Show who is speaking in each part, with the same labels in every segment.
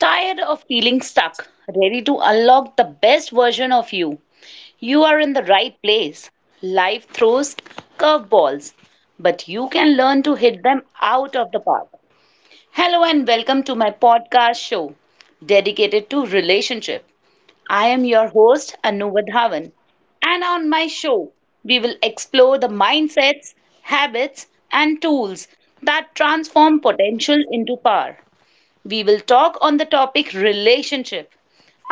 Speaker 1: Tired of feeling stuck? Ready to unlock the best version of you? You are in the right place. Life throws curveballs, but you can learn to hit them out of the park. Hello and welcome to my podcast show dedicated to relationship. I am your host Anu Vadhavan. And on my show, we will explore the mindsets, habits, and tools that transform potential into power. We will talk on the topic relationship.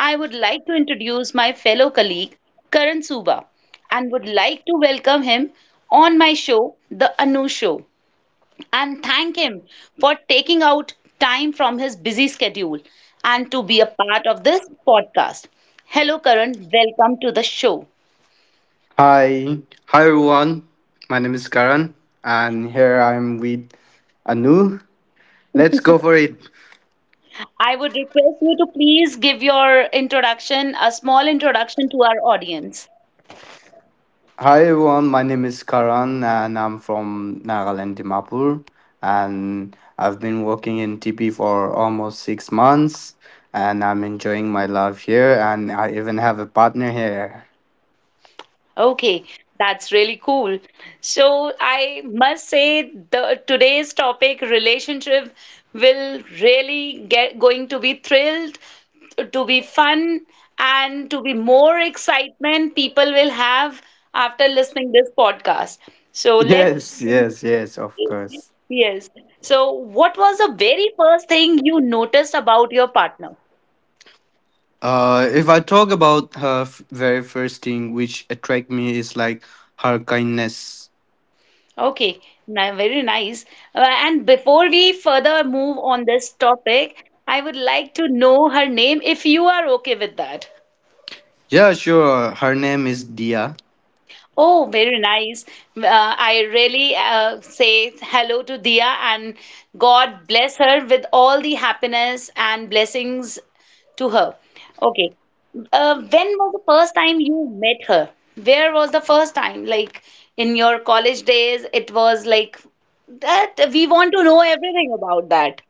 Speaker 1: I would like to introduce my fellow colleague Karan Suba and would like to welcome him on my show, The Anu Show, and thank him for taking out time from his busy schedule and to be a part of this podcast. Hello, Karan. Welcome to the show.
Speaker 2: Hi, hi, everyone. My name is Karan, and here I'm with Anu. Let's go for it.
Speaker 1: I would request you to please give your introduction, a small introduction to our audience.
Speaker 2: Hi everyone. My name is Karan, and I'm from Nagaland, Dimapur, and I've been working in TP for almost six months, and I'm enjoying my life here, and I even have a partner here.
Speaker 1: Okay, that's really cool. So I must say the today's topic relationship will really get going to be thrilled, to be fun, and to be more excitement people will have after listening this podcast. So let's
Speaker 2: Yes,
Speaker 1: begin.
Speaker 2: yes, yes, of course.
Speaker 1: Yes. So what was the very first thing you noticed about your partner?
Speaker 2: If I talk about her very first thing which attract me is like her kindness.
Speaker 1: Okay, now very nice. And before we further move on this topic, I would like to know her name if you are okay with that.
Speaker 2: Yeah, sure. Her name is Dia.
Speaker 1: Oh, very nice. I really say hello to Dia, and God bless her with all the happiness and blessings to her. Okay. When was the first time you met her? Where was the first time? Like in your college days, it was like that. We want to know everything about that.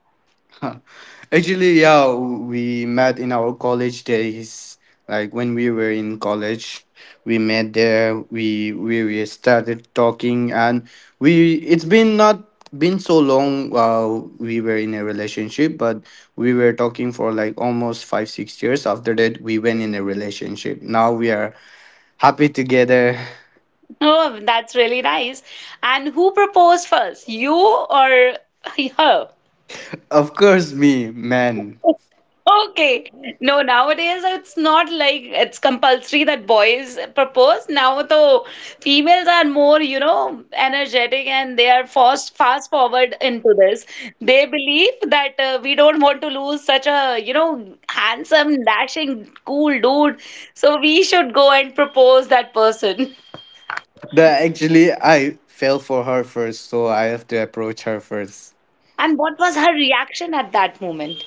Speaker 2: Actually, yeah, we met in our college days. Like when we were in college, we met there. We started talking, and we it's been not been so long. While we were in a relationship, but we were talking for like almost 5 6 years. After that, we went in a relationship. Now we are happy together.
Speaker 1: Oh, that's really nice. And who proposed first, you or her?
Speaker 2: Of course, me man.
Speaker 1: Okay. No, nowadays it's not like it's compulsory that boys propose. Now though females are more, you know, energetic, and they are fast forward into this. They believe that we don't want to lose such a, you know, handsome, dashing, cool dude. So we should go and propose that person.
Speaker 2: That actually, I fell for her first, so I have to approach her first.
Speaker 1: And what was her reaction at that moment?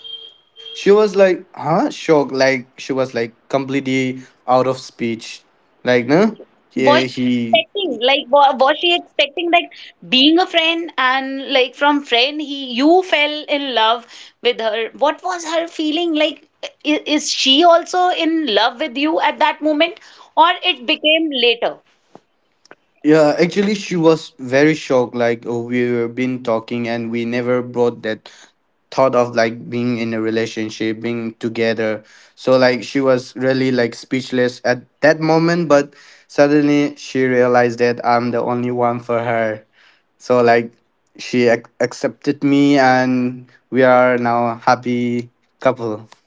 Speaker 2: She was like, huh? Shocked. Like, she was like completely out of speech. Like, no?
Speaker 1: Was
Speaker 2: Yeah,
Speaker 1: she
Speaker 2: he.
Speaker 1: was she expecting that being a friend, and like from friend he you fell in love with her? What was her feeling like? Is she also in love with you at that moment, or it became later?
Speaker 2: Yeah, actually, she was very shocked. Like, oh, we were been talking and we never brought that thought of like being in a relationship, being together. So, like, she was really like speechless at that moment, but suddenly she realized that I'm the only one for her. So like she accepted me and we are now happy couple.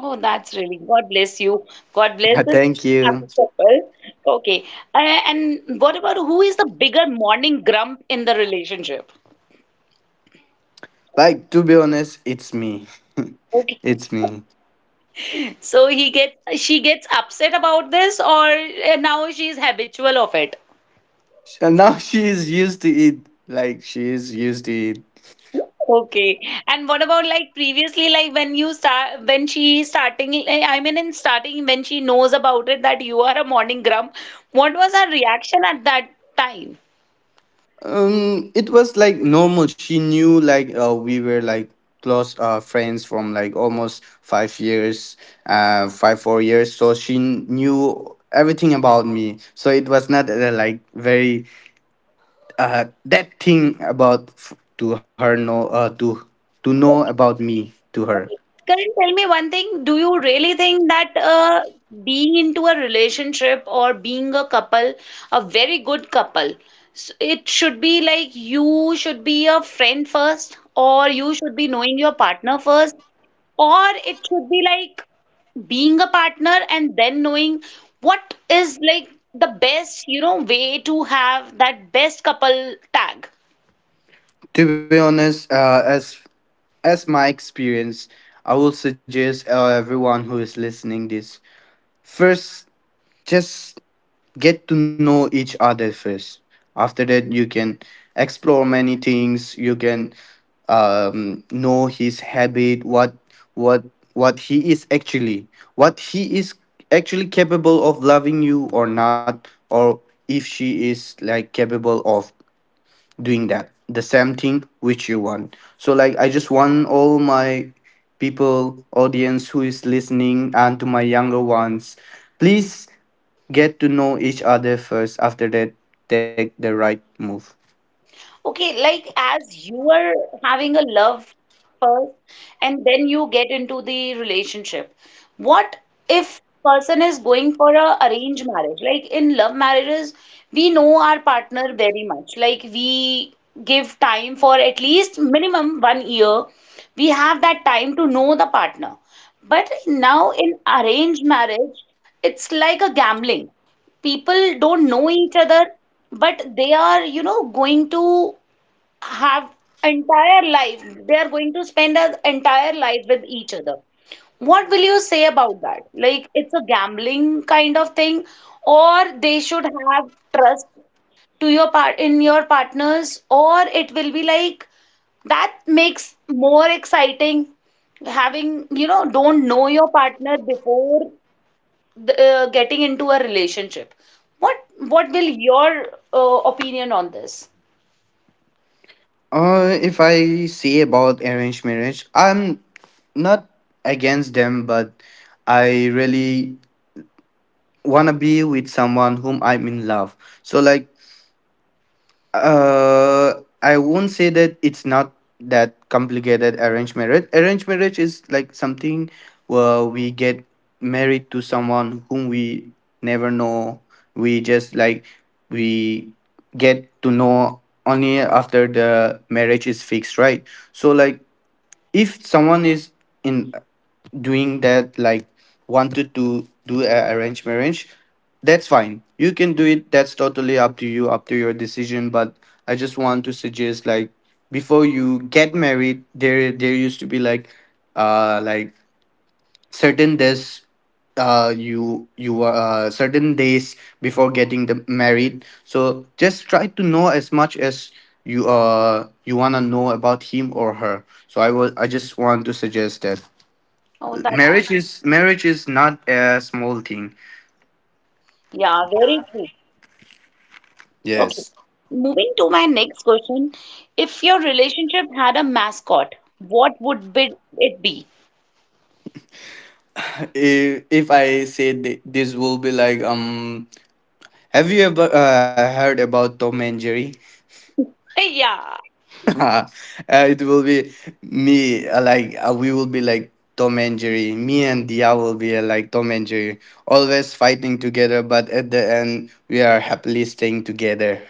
Speaker 1: Oh, that's really God bless you. God bless
Speaker 2: Yeah,
Speaker 1: this
Speaker 2: thank
Speaker 1: happy
Speaker 2: you.
Speaker 1: couple. Okay, and what about who is the bigger morning grump in the relationship?
Speaker 2: Like to be honest, it's me.
Speaker 1: Okay.
Speaker 2: It's me.
Speaker 1: So he gets she gets upset about this, or now she's habitual of it.
Speaker 2: And now she is used to it. Like she is used to it.
Speaker 1: Okay. And what about like previously, like when you start, when she starting, eh, I mean, in starting, when she knows about it that you are a morning grump, what was her reaction at that time?
Speaker 2: It was like normal. She knew like we were like close friends from like almost five years, 5 4 years. So she knew everything about me. So it was not like very that thing about to her know to know about me to
Speaker 1: Okay,
Speaker 2: her.
Speaker 1: Karan, tell me one thing. Do you really think that being into a relationship or being a couple, a very good couple, it should be like you should be a friend first, or you should be knowing your partner first, or it should be like being a partner and then knowing what is like the best, you know, way to have that best couple tag?
Speaker 2: To be honest, as my experience, I will suggest everyone who is listening this first just get to know each other first, after that you can explore many things, you can know his habit, what what he is actually, what he is actually capable of loving you or not, or if she is like capable of doing that the same thing which you want. So like I just want all my people audience who is listening and to my younger ones, please get to know each other first. After that, take the right move.
Speaker 1: Okay, like as you are having a love first and then you get into the relationship. What if person is going for a arranged marriage? Like in love marriages, we know our partner very much. Like we give time for at least minimum 1 year. We have that time to know the partner. But now in arranged marriage, it's like a gambling. People don't know each other, but they are, you know, going to have entire life, they are going to spend an entire life with each other. What will you say about that? Like it's a gambling kind of thing, or they should have trust to your part in your partners? Or it will be like that makes more exciting, having, you know, don't know your partner before the, getting into a relationship. What what will your opinion on this?
Speaker 2: If I see about arranged marriage, I'm not against them, but I really want to be with someone whom I'm in love. So like Uh, I won't say that it's not that complicated arranged marriage. Arranged marriage is like something where we get married to someone whom we never know. We just like we get to know only after the marriage is fixed, right? So like if someone is in doing that, like wanted to do a arranged marriage, that's fine, you can do it, that's totally up to you, up to your decision. But I just want to suggest like before you get married, there used to be like uh like certain days, you certain days before getting the married. So just try to know as much as you you want to know about him or her. So I just want to suggest that
Speaker 1: Oh, that
Speaker 2: marriage is not a small thing.
Speaker 1: yeah, very true. Okay.
Speaker 2: Yes.
Speaker 1: Moving to my next question. If your relationship had a mascot, what would be it be?
Speaker 2: If I say this will be like have you ever heard about Tom and Jerry?
Speaker 1: Yeah.
Speaker 2: uh, it will be me we will be like Tom and Jerry. Me and Dia will be like Tom and Jerry, always fighting together, but at the end we are happily staying together.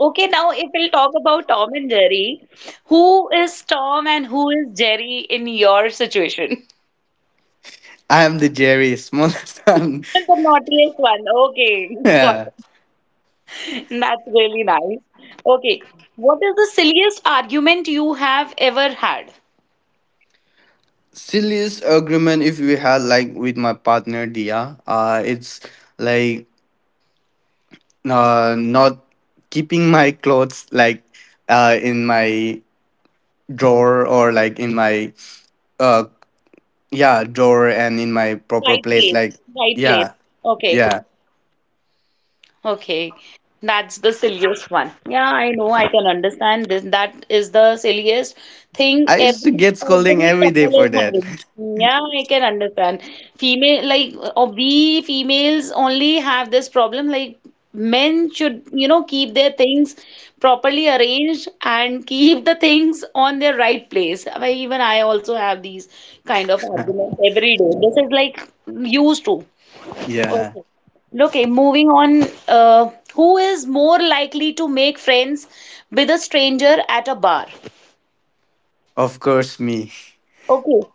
Speaker 1: Okay, now if we'll talk about Tom and Jerry, who is Tom and who is Jerry in your situation?
Speaker 2: I am the Jerry, smallest one.
Speaker 1: The naughtiest one. Okay, got
Speaker 2: Yeah.
Speaker 1: it. That's really nice. Okay, what is the silliest argument you have ever had?
Speaker 2: Silliest agreement if we had like with my partner Dia, it's like not keeping my clothes like in my drawer, or like in my uh yeah drawer and in my proper
Speaker 1: Right
Speaker 2: place,
Speaker 1: place.
Speaker 2: like
Speaker 1: Right place.
Speaker 2: yeah,
Speaker 1: Okay.
Speaker 2: yeah.
Speaker 1: Okay, that's the silliest one. Yeah, I know, I can understand this. That is the silliest thing
Speaker 2: I used to
Speaker 1: every
Speaker 2: get scolding
Speaker 1: every
Speaker 2: every day
Speaker 1: couple
Speaker 2: for
Speaker 1: is
Speaker 2: that.
Speaker 1: having. Yeah, I can understand. Female, like we females only have this problem. Like men should, you know, keep their things properly arranged and keep the things on their right place. I also have these kind of arguments every day. This is like used to.
Speaker 2: Yeah,
Speaker 1: Okay. Okay, moving on. Who is more likely to make friends with a stranger at a bar?
Speaker 2: of course me.
Speaker 1: Okay.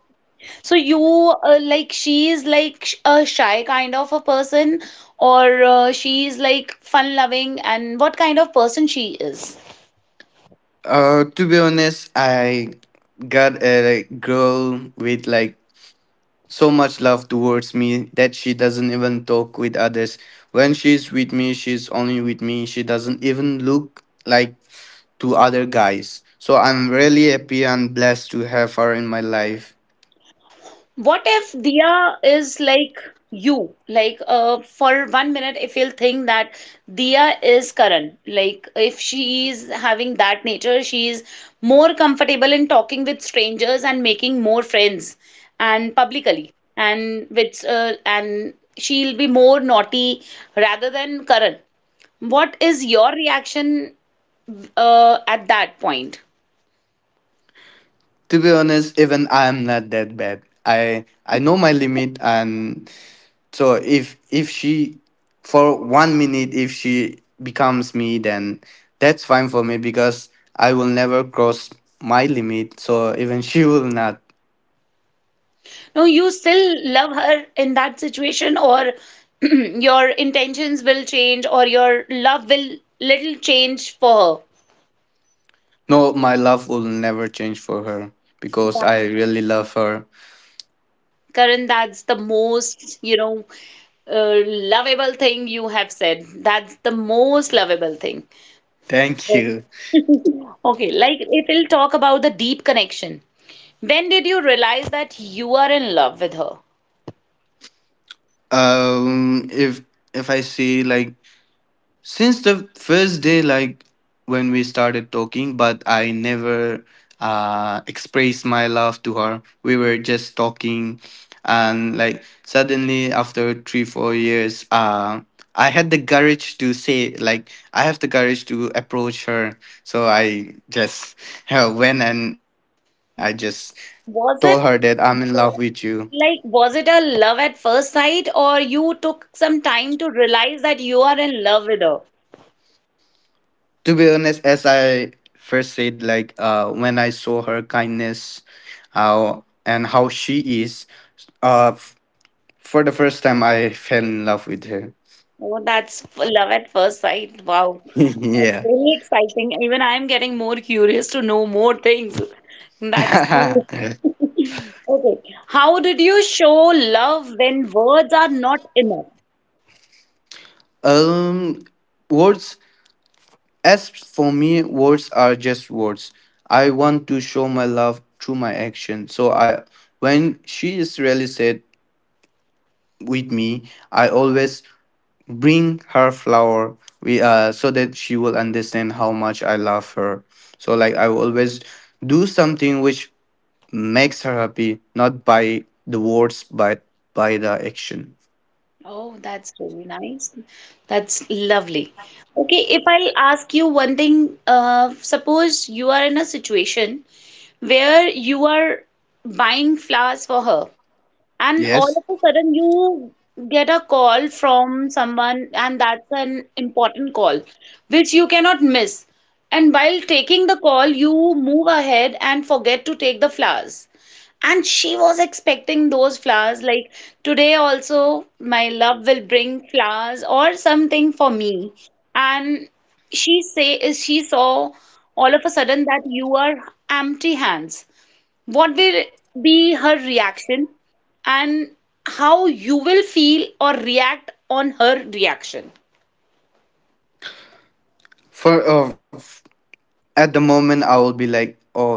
Speaker 1: So you, like she is like a shy kind of a person, or she is like fun-loving, and what kind of person she is?
Speaker 2: To be honest, I got a girl with like so much love towards me that she doesn't even talk with others. When she's with me, she's only with me. She doesn't even look like to other guys. So I'm really happy and blessed to have her in my life.
Speaker 1: What if Diya is like you? Like, for one minute, if you'll think that Diya is Karan, like, if she is having that nature, she is more comfortable in talking with strangers and making more friends and publicly, and with, and she'll be more naughty rather than Karan. What is your reaction, at that point?
Speaker 2: To be honest, even I'm not that bad. I know my limit, and so if she for one minute, if she becomes me, then that's fine for me because I will never cross my limit, so even she will not.
Speaker 1: No, you still love her in that situation, or your intentions will change, or your love will little change for her.
Speaker 2: No, my love will never change for her because I really love her.
Speaker 1: Karan, that's the most, you know, lovable thing you have said. That's the most lovable thing.
Speaker 2: Thank
Speaker 1: Oh.
Speaker 2: you.
Speaker 1: Okay, like it will talk about the deep connection. When did you realize that you are in love with her?
Speaker 2: Um, if if I see like since the first day, like when we started talking, but I never expressed my love to her. We were just talking, and like suddenly after 3 4 years, I had the courage to say like I have the courage to approach her. So I just went and I just told her that
Speaker 1: Was
Speaker 2: I'm
Speaker 1: it,
Speaker 2: in love with you.
Speaker 1: like, was it a love at first sight, or you took some time to realize that you are in love with her?
Speaker 2: To be honest, as I first said, like when I saw her kindness, how and how she is, uh, f- for the first time I fell in love with her.
Speaker 1: Oh, that's love at first sight. Wow, that's
Speaker 2: Yeah.
Speaker 1: really exciting. Even I'm getting more curious to know more things. That's cool. Okay. How did you show love when words are not enough?
Speaker 2: um, words. As for me, words are just words. I want to show my love through my action. So I, when she is really sad with me, I always bring her flower. We So that she will understand how much I love her. So like I will always do something which makes her happy, not by the words but by the action.
Speaker 1: Oh, that's really nice. That's lovely. Okay, if I'll ask you one thing, suppose you are in a situation where you are buying flowers for her, and all
Speaker 2: Yes.
Speaker 1: of a sudden, you get a call from someone, and that's an important call which you cannot miss. And while taking the call, you move ahead and forget to take the flowers. And she was expecting those flowers, like today, also, my love will bring flowers or something for me. And she saw all of a sudden that you are empty hands. What will be her reaction, and how you will feel or react on her reaction?
Speaker 2: for At the moment I will be like, oh,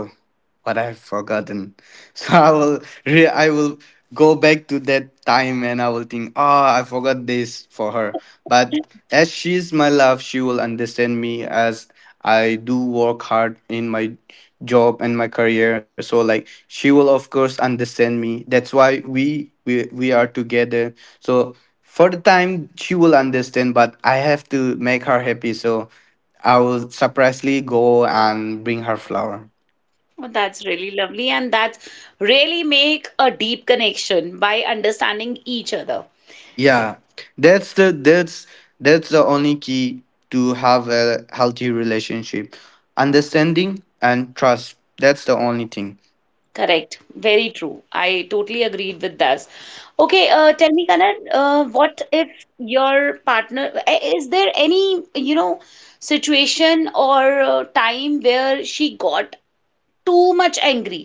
Speaker 2: what I have forgotten. So I will go back to that time and I will think, oh, I forgot this for her. But as she's my love, she will understand me, as I do work hard in my job and my career. So like she will of course understand me. That's why we are together. So for the time she will understand, but I have to make her happy. So I will surprisingly go and bring her flower.
Speaker 1: Oh, that's really lovely, and that's really make a deep connection by understanding each other.
Speaker 2: Yeah, that's the that's that's the only key to have a healthy relationship, understanding and trust. That's the only thing.
Speaker 1: Correct, very true. I totally agreed with this. Okay, tell me Kanan, what if your partner is there any, you know, situation or time where she got too much angry,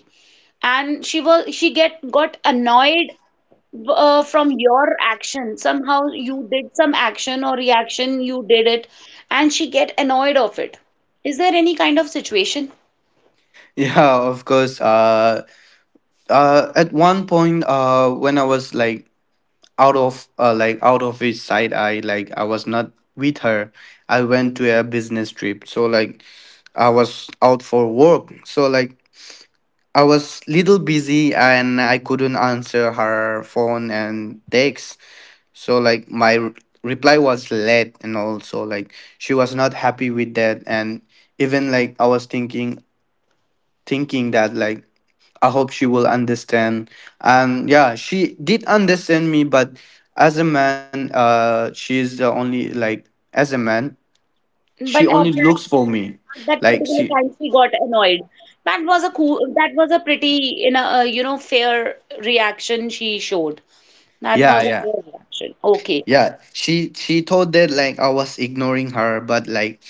Speaker 1: and she was she get got annoyed from your action? Somehow you did some action or reaction you did it, and she get annoyed of it. Is there any kind of situation?
Speaker 2: Yeah, of course. At one point, when I was like out of out of his sight, I like I was not with her. I went to a business trip, so like I was out for work. So like I was little busy and I couldn't answer her phone and texts. So like my reply was late, and also like she was not happy with that. And even like I was thinking that like I hope she will understand. And yeah, she did understand me, but as a man, she's the only like as a man, she
Speaker 1: But at
Speaker 2: only
Speaker 1: that
Speaker 2: looks for me.
Speaker 1: at that
Speaker 2: Like
Speaker 1: particular
Speaker 2: she,
Speaker 1: time she got annoyed? That was a cool, that was a pretty, you know, you know fair reaction she showed. That
Speaker 2: yeah,
Speaker 1: was a
Speaker 2: yeah.
Speaker 1: fair reaction. Okay.
Speaker 2: Yeah, she told that like I was ignoring her, but like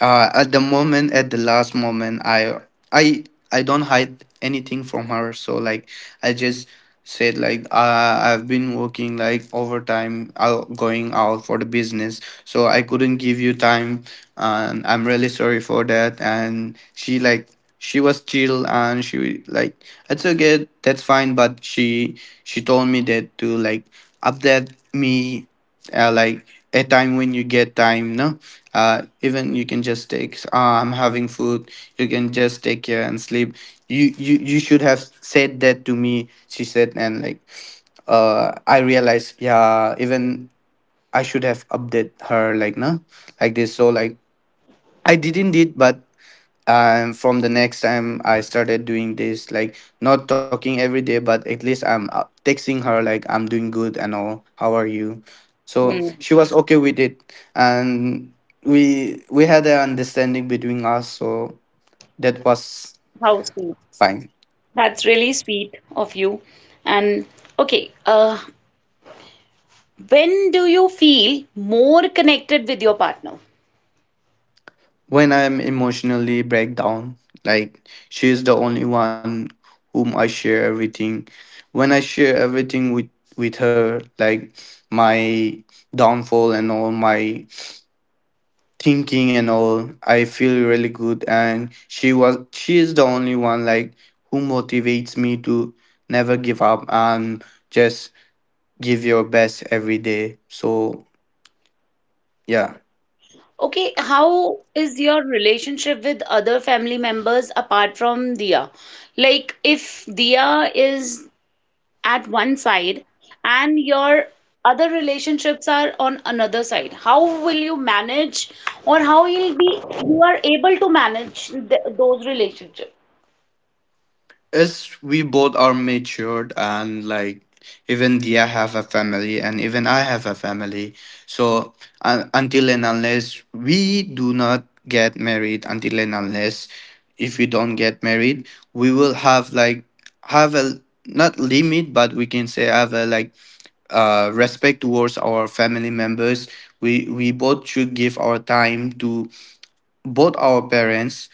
Speaker 2: at the moment, at the last moment, i I don't hide anything from her. So like I just said like, I've been working like overtime, out going out for the business, so I couldn't give you time and I'm really sorry for that. And she like she was chill, and she like, I okay, that's fine. But she told me that to like update me, uh, like a time when you get time, no, even you can just take, ah, I'm having food, you can just take care and sleep. You should have said that to me, she said. And like I realized, yeah, even I should have update her, like no, like this. So like I didn't did, but and from the next time I started doing this, like not talking every day, but at least I'm texting her like I'm doing good and all, how are you. So
Speaker 1: Hmm.
Speaker 2: she was okay with it. And we had an understanding between us, so that was
Speaker 1: How sweet.
Speaker 2: fine.
Speaker 1: That's really sweet of you. And okay, when do you feel more connected with your partner?
Speaker 2: When I'm emotionally break down, like she's the only one whom I share everything. When I share everything with her, like my downfall and all my thinking and all, I feel really good. And she is the only one like who motivates me to never give up and just give your best every day. So yeah.
Speaker 1: Okay, how is your relationship with other family members apart from Dia? Like, if Dia is at one side and your other relationships are on another side, how will you manage, or how you'll be you are able to manage th those relationships?
Speaker 2: As we both are matured, and like even they have a family and even I have a family. So un until and unless we do not get married, until and unless if we don't get married, we will have like have a not limit, but we can say have a like respect towards our family members. We both should give our time to both our parents,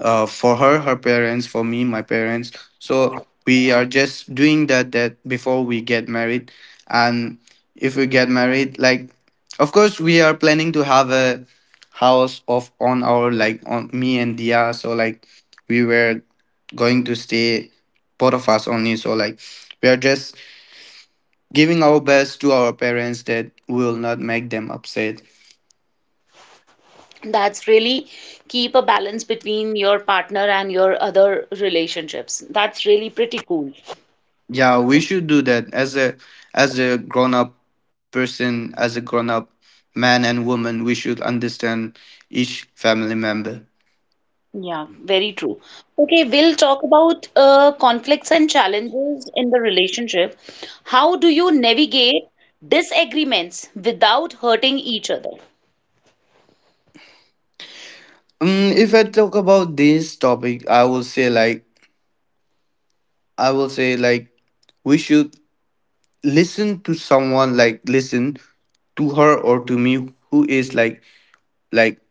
Speaker 2: for her parents, for me my parents. So we are just doing that before we get married. And if we get married, like, of course we are planning to have a house of on our, like, on me and Dia. So, like, we were going to stay both of us only. So, like, we are just giving our best to our parents, that will not make them upset.
Speaker 1: That's really keep a balance between your partner and your other relationships. That's really pretty cool.
Speaker 2: Yeah, we should do that as a grown up person, as a grown up man and woman. We should understand each family member.
Speaker 1: Yeah, very true. Okay, we'll talk about conflicts and challenges in the relationship. How do you navigate disagreements without hurting each other?
Speaker 2: If I talk about this topic, I will say, like, I will say like we should listen to someone, like listen to her or to me, who is, like, like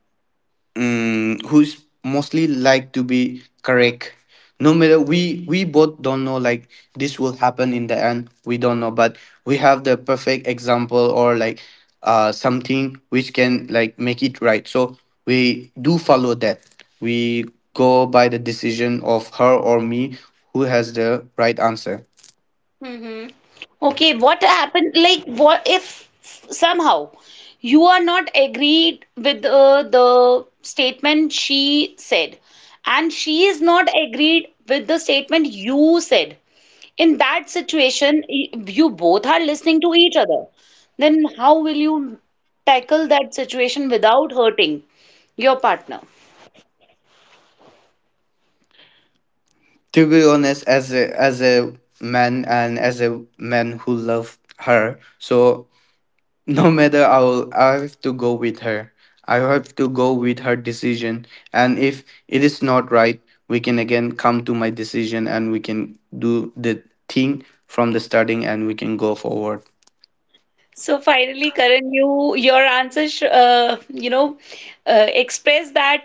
Speaker 2: who's mostly, like, to be correct. No matter, we both don't know, like, this will happen in the end, we don't know. But we have the perfect example, or like, something which can, like, make it right. So we do follow that. We go by the decision of her or me who has the right answer.
Speaker 1: Mm-hmm. Okay, what happened? Like, what if somehow you are not agreed with the statement she said, and she is not agreed with the statement you said? In that situation, you both are listening to each other. Then how will you tackle that situation without hurting your partner?
Speaker 2: To be honest, as a man, and as a man who love her. So no matter, I will. I have to go with her. I have to go with her decision. And if it is not right, we can again come to my decision, and we can do the thing from the starting, and we can go forward.
Speaker 1: So finally, Karan, you your answer, you know, express that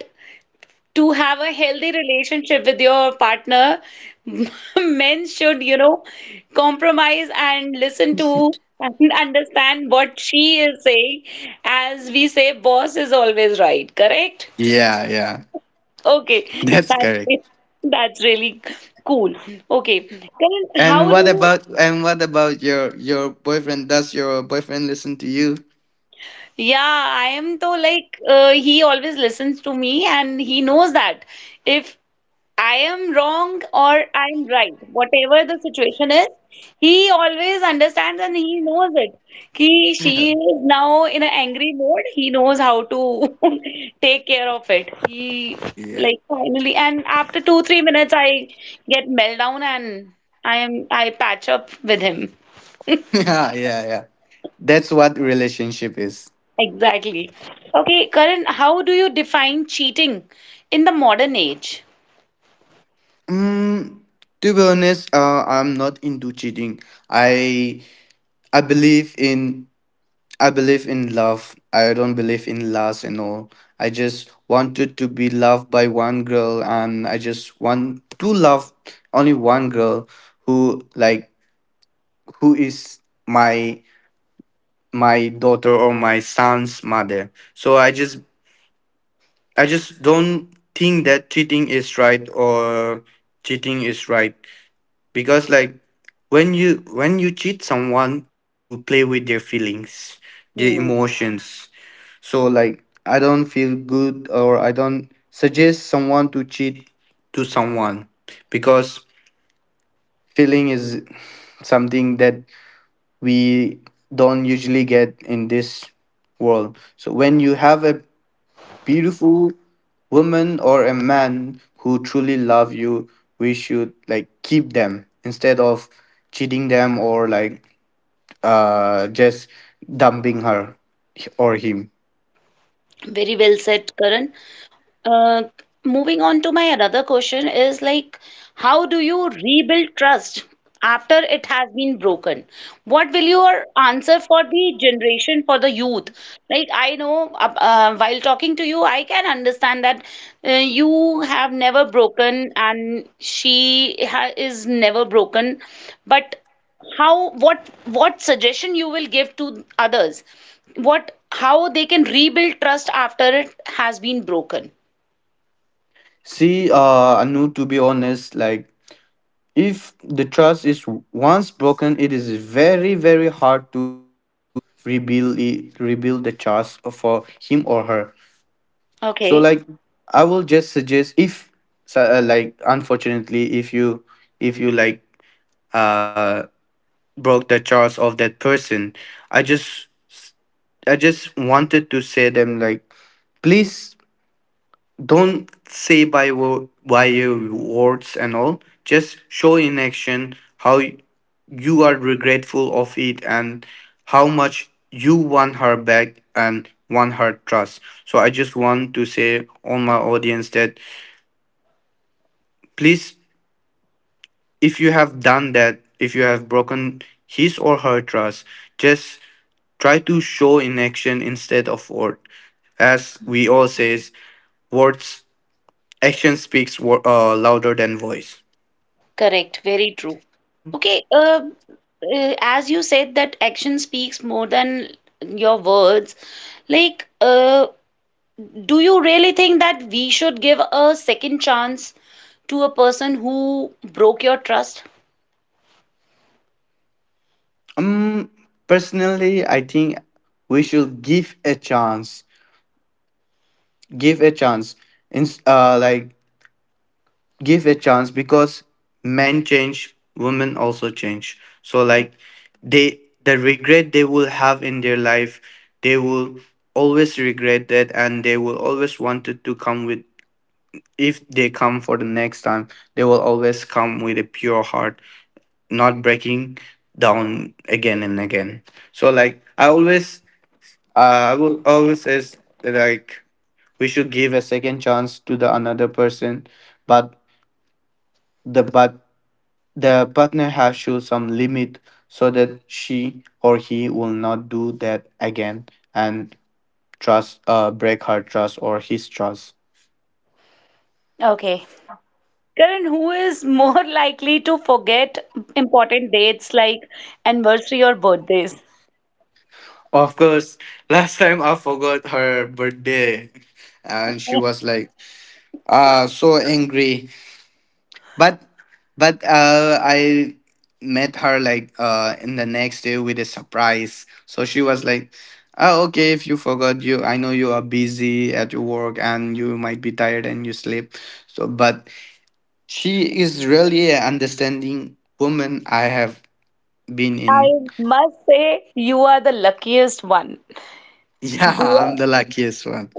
Speaker 1: to have a healthy relationship with your partner, men should, you know, compromise and listen to and understand what she is saying. As we say, boss is always right, correct?
Speaker 2: Yeah, yeah.
Speaker 1: Okay,
Speaker 2: That's
Speaker 1: that's
Speaker 2: correct.
Speaker 1: that's really cool. Okay, Karan,
Speaker 2: And
Speaker 1: how do
Speaker 2: what
Speaker 1: you?
Speaker 2: about and what about your boyfriend? Does your boyfriend listen to you?
Speaker 1: Yeah, I am though, like he always listens to me, and he knows that if I am wrong or I'm right, whatever the situation is, he always understands and he knows it. He, she is now in an angry mode. He knows how to take care of it. He
Speaker 2: Yeah.
Speaker 1: like finally, and after two, 3 minutes, I get meltdown, and I patch up with him.
Speaker 2: Yeah, yeah, yeah. That's what relationship is.
Speaker 1: Exactly. Okay, Karan, how do you define cheating in the modern age?
Speaker 2: Mm, to be honest, I'm not into cheating. I I believe in I believe in love. I don't believe in lust and all. I just wanted to be loved by one girl, and I just want to love only one girl who like who is my my daughter or my son's mother. So I just don't think that cheating is right, or cheating is right. Because, like, when you cheat someone, you play with their feelings, their
Speaker 1: Hmm.
Speaker 2: emotions. So, like, I don't feel good, or I don't suggest someone to cheat to someone, because feeling is something that we don't usually get in this world. So when you have a beautiful woman or a man who truly love you, we should, like, keep them, instead of cheating them, or, like, just dumping her or him.
Speaker 1: Very well said, Karan. Uh, moving on to my another question is like, how do you rebuild trust after it has been broken? What will your answer for the generation, for the youth? Like, I know while talking to you, I can understand that you have never broken and she ha is never broken, but how, what suggestion you will give to others? What, how they can rebuild trust after it has been broken?
Speaker 2: See, Anu, to be honest, like, if the trust is once broken, it is very very hard to rebuild it, rebuild the trust for him or her. So, like,
Speaker 1: Okay,
Speaker 2: I will just suggest, if so, like, unfortunately if you, like, uh broke the charts of that person. I just I just wanted to say them, like, please don't say by by your words and all. Just show in action how you are regretful of it, and how much you want her back and want her trust. So I just want to say on my audience that, please, if you have done that, if you have broken his or her trust, just try to show in action instead of word. As we all says, words, action speaks louder than voice.
Speaker 1: correct, very true. Okay, as you said that action speaks more than your words, like, do you really think that we should give a second chance to a person who broke your trust?
Speaker 2: Um, Personally, I think we should give a chance. Give a chance. In, like, give a chance, because men change, women also change. So, like, the regret they will have in their life, they will always regret that, and they will always wanted to come with, if they come for the next time, they will always come with a pure heart, not breaking down again and again. So, like, I will always says that, like, we should give a second chance to the another person. But the but the partner has shown some limit, so that she or he will not do that again, and trust break her trust or his trust.
Speaker 1: Okay. Karan, who is more likely to forget important dates like anniversary or birthdays?
Speaker 2: Of course, last time I forgot her birthday, and she was like, so angry. But, I met her, like, in the next day with a surprise. So she was like, "Oh, okay. If you forgot, you I know you are busy at your work, and you might be tired and you sleep." So, but she is really a understanding woman I have been in.
Speaker 1: I must say, you are the luckiest one.
Speaker 2: Yeah, I'm
Speaker 1: Yeah,
Speaker 2: the luckiest one.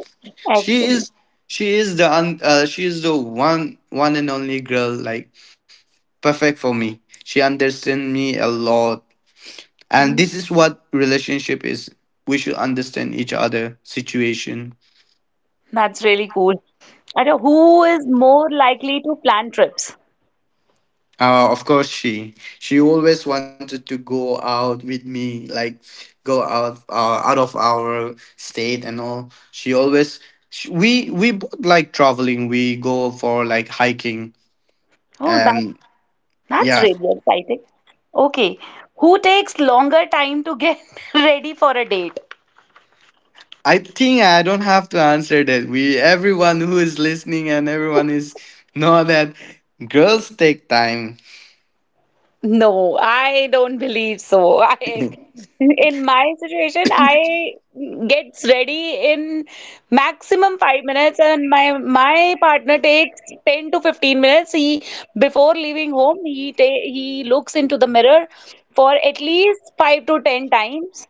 Speaker 2: She
Speaker 1: actually.
Speaker 2: is. She is the one and only girl, like, perfect for me. She understands me a lot, and this is what relationship is. We should understand each other situation.
Speaker 1: That's really cool. And who is more likely to plan trips?
Speaker 2: Of course, she always wanted to go out with me, like go out, out of our state and all. She always sh we we both like traveling, we go for, like, hiking
Speaker 1: Oh,
Speaker 2: and
Speaker 1: that's
Speaker 2: yeah.
Speaker 1: really exciting. Okay, who takes longer time to get ready for a date?
Speaker 2: I think I don't have to answer that. We Everyone who is listening, and everyone is know that girls take time.
Speaker 1: No, I don't believe so. I, in my situation, I gets ready in maximum 5 minutes, and my partner takes 10 to 15 minutes. He before leaving home, he looks into the mirror for at least 5 to 10 times.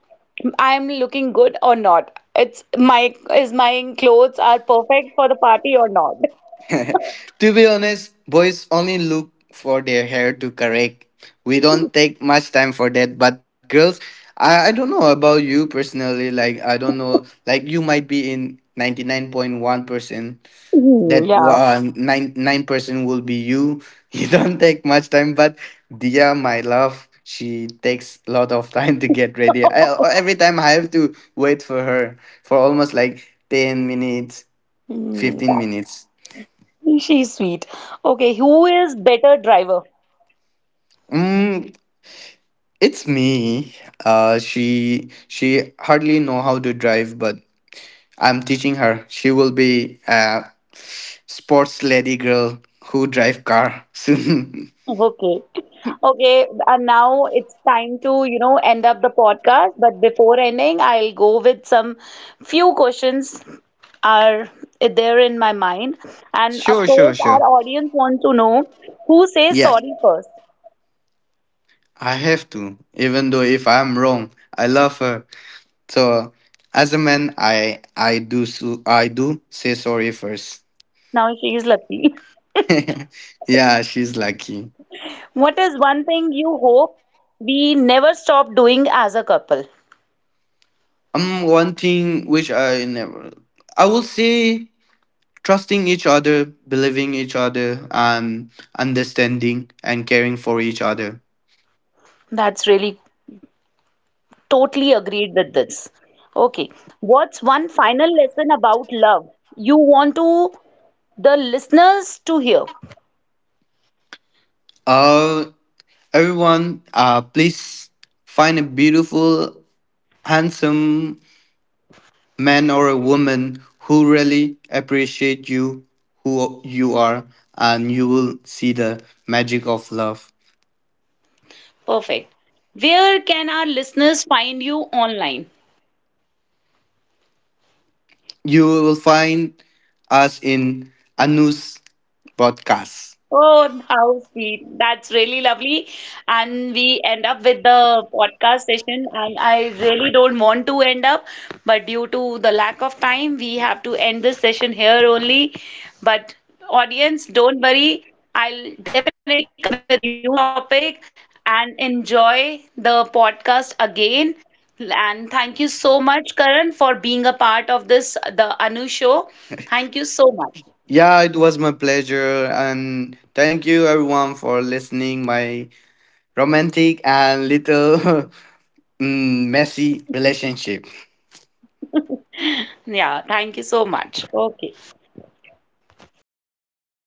Speaker 1: I'm looking good or not. It's my, is my clothes are perfect for the party or not?
Speaker 2: To be honest, boys only look for their hair to correct. We don't take much time for that. But girls, I don't know about you personally. Like I don't know. Like you might be in 99.1%.
Speaker 1: Hmm,
Speaker 2: That
Speaker 1: yeah.
Speaker 2: one nine nine percent will be you. You don't take much time. But Dia, my love, she takes a lot of time to get ready. I, every time I have to wait for her for almost like 10 minutes,
Speaker 1: Hmm,
Speaker 2: 15 minutes.
Speaker 1: she's sweet. Okay, who is better driver?
Speaker 2: Mm, It's me. She hardly know how to drive, but I'm teaching her. She will be a sports lady girl who drive car soon.
Speaker 1: Okay. Okay, and now it's time to, you know, end up the podcast. But before ending, I'll go with some few questions are there in my mind. And of
Speaker 2: Sure, sure,
Speaker 1: course, our
Speaker 2: sure.
Speaker 1: audience wants to know who says
Speaker 2: Yeah,
Speaker 1: sorry first.
Speaker 2: I have to. Even though if I'm wrong, I love her. So as a man, I do, so I do say sorry first.
Speaker 1: Now she is lucky.
Speaker 2: Yeah, she's lucky.
Speaker 1: What is one thing you hope we never stop doing as a couple?
Speaker 2: One thing which I never I will say: trusting each other, believing each other, and understanding and caring for each other.
Speaker 1: That's really totally agreed with this. Okay, what's one final lesson about love you want to the listeners to hear?
Speaker 2: Uh, Everyone, please find a beautiful, handsome man or a woman who really appreciate you, who you are, and you will see the magic of love.
Speaker 1: Perfect. Where can our listeners find you online?
Speaker 2: You will find us in Anu's podcast.
Speaker 1: Oh, how sweet. That's really lovely. And we end up with the podcast session. And I really don't want to end up, but due to the lack of time, we have to end this session here only. But audience, don't worry. I'll definitely come with a new topic and enjoy the podcast again. And thank you so much, Karan, for being a part of this, the Anu show. Thank you so much.
Speaker 2: Yeah, it was my pleasure, and thank you everyone for listening. My romantic and little messy relationship.
Speaker 1: Yeah, thank you so much.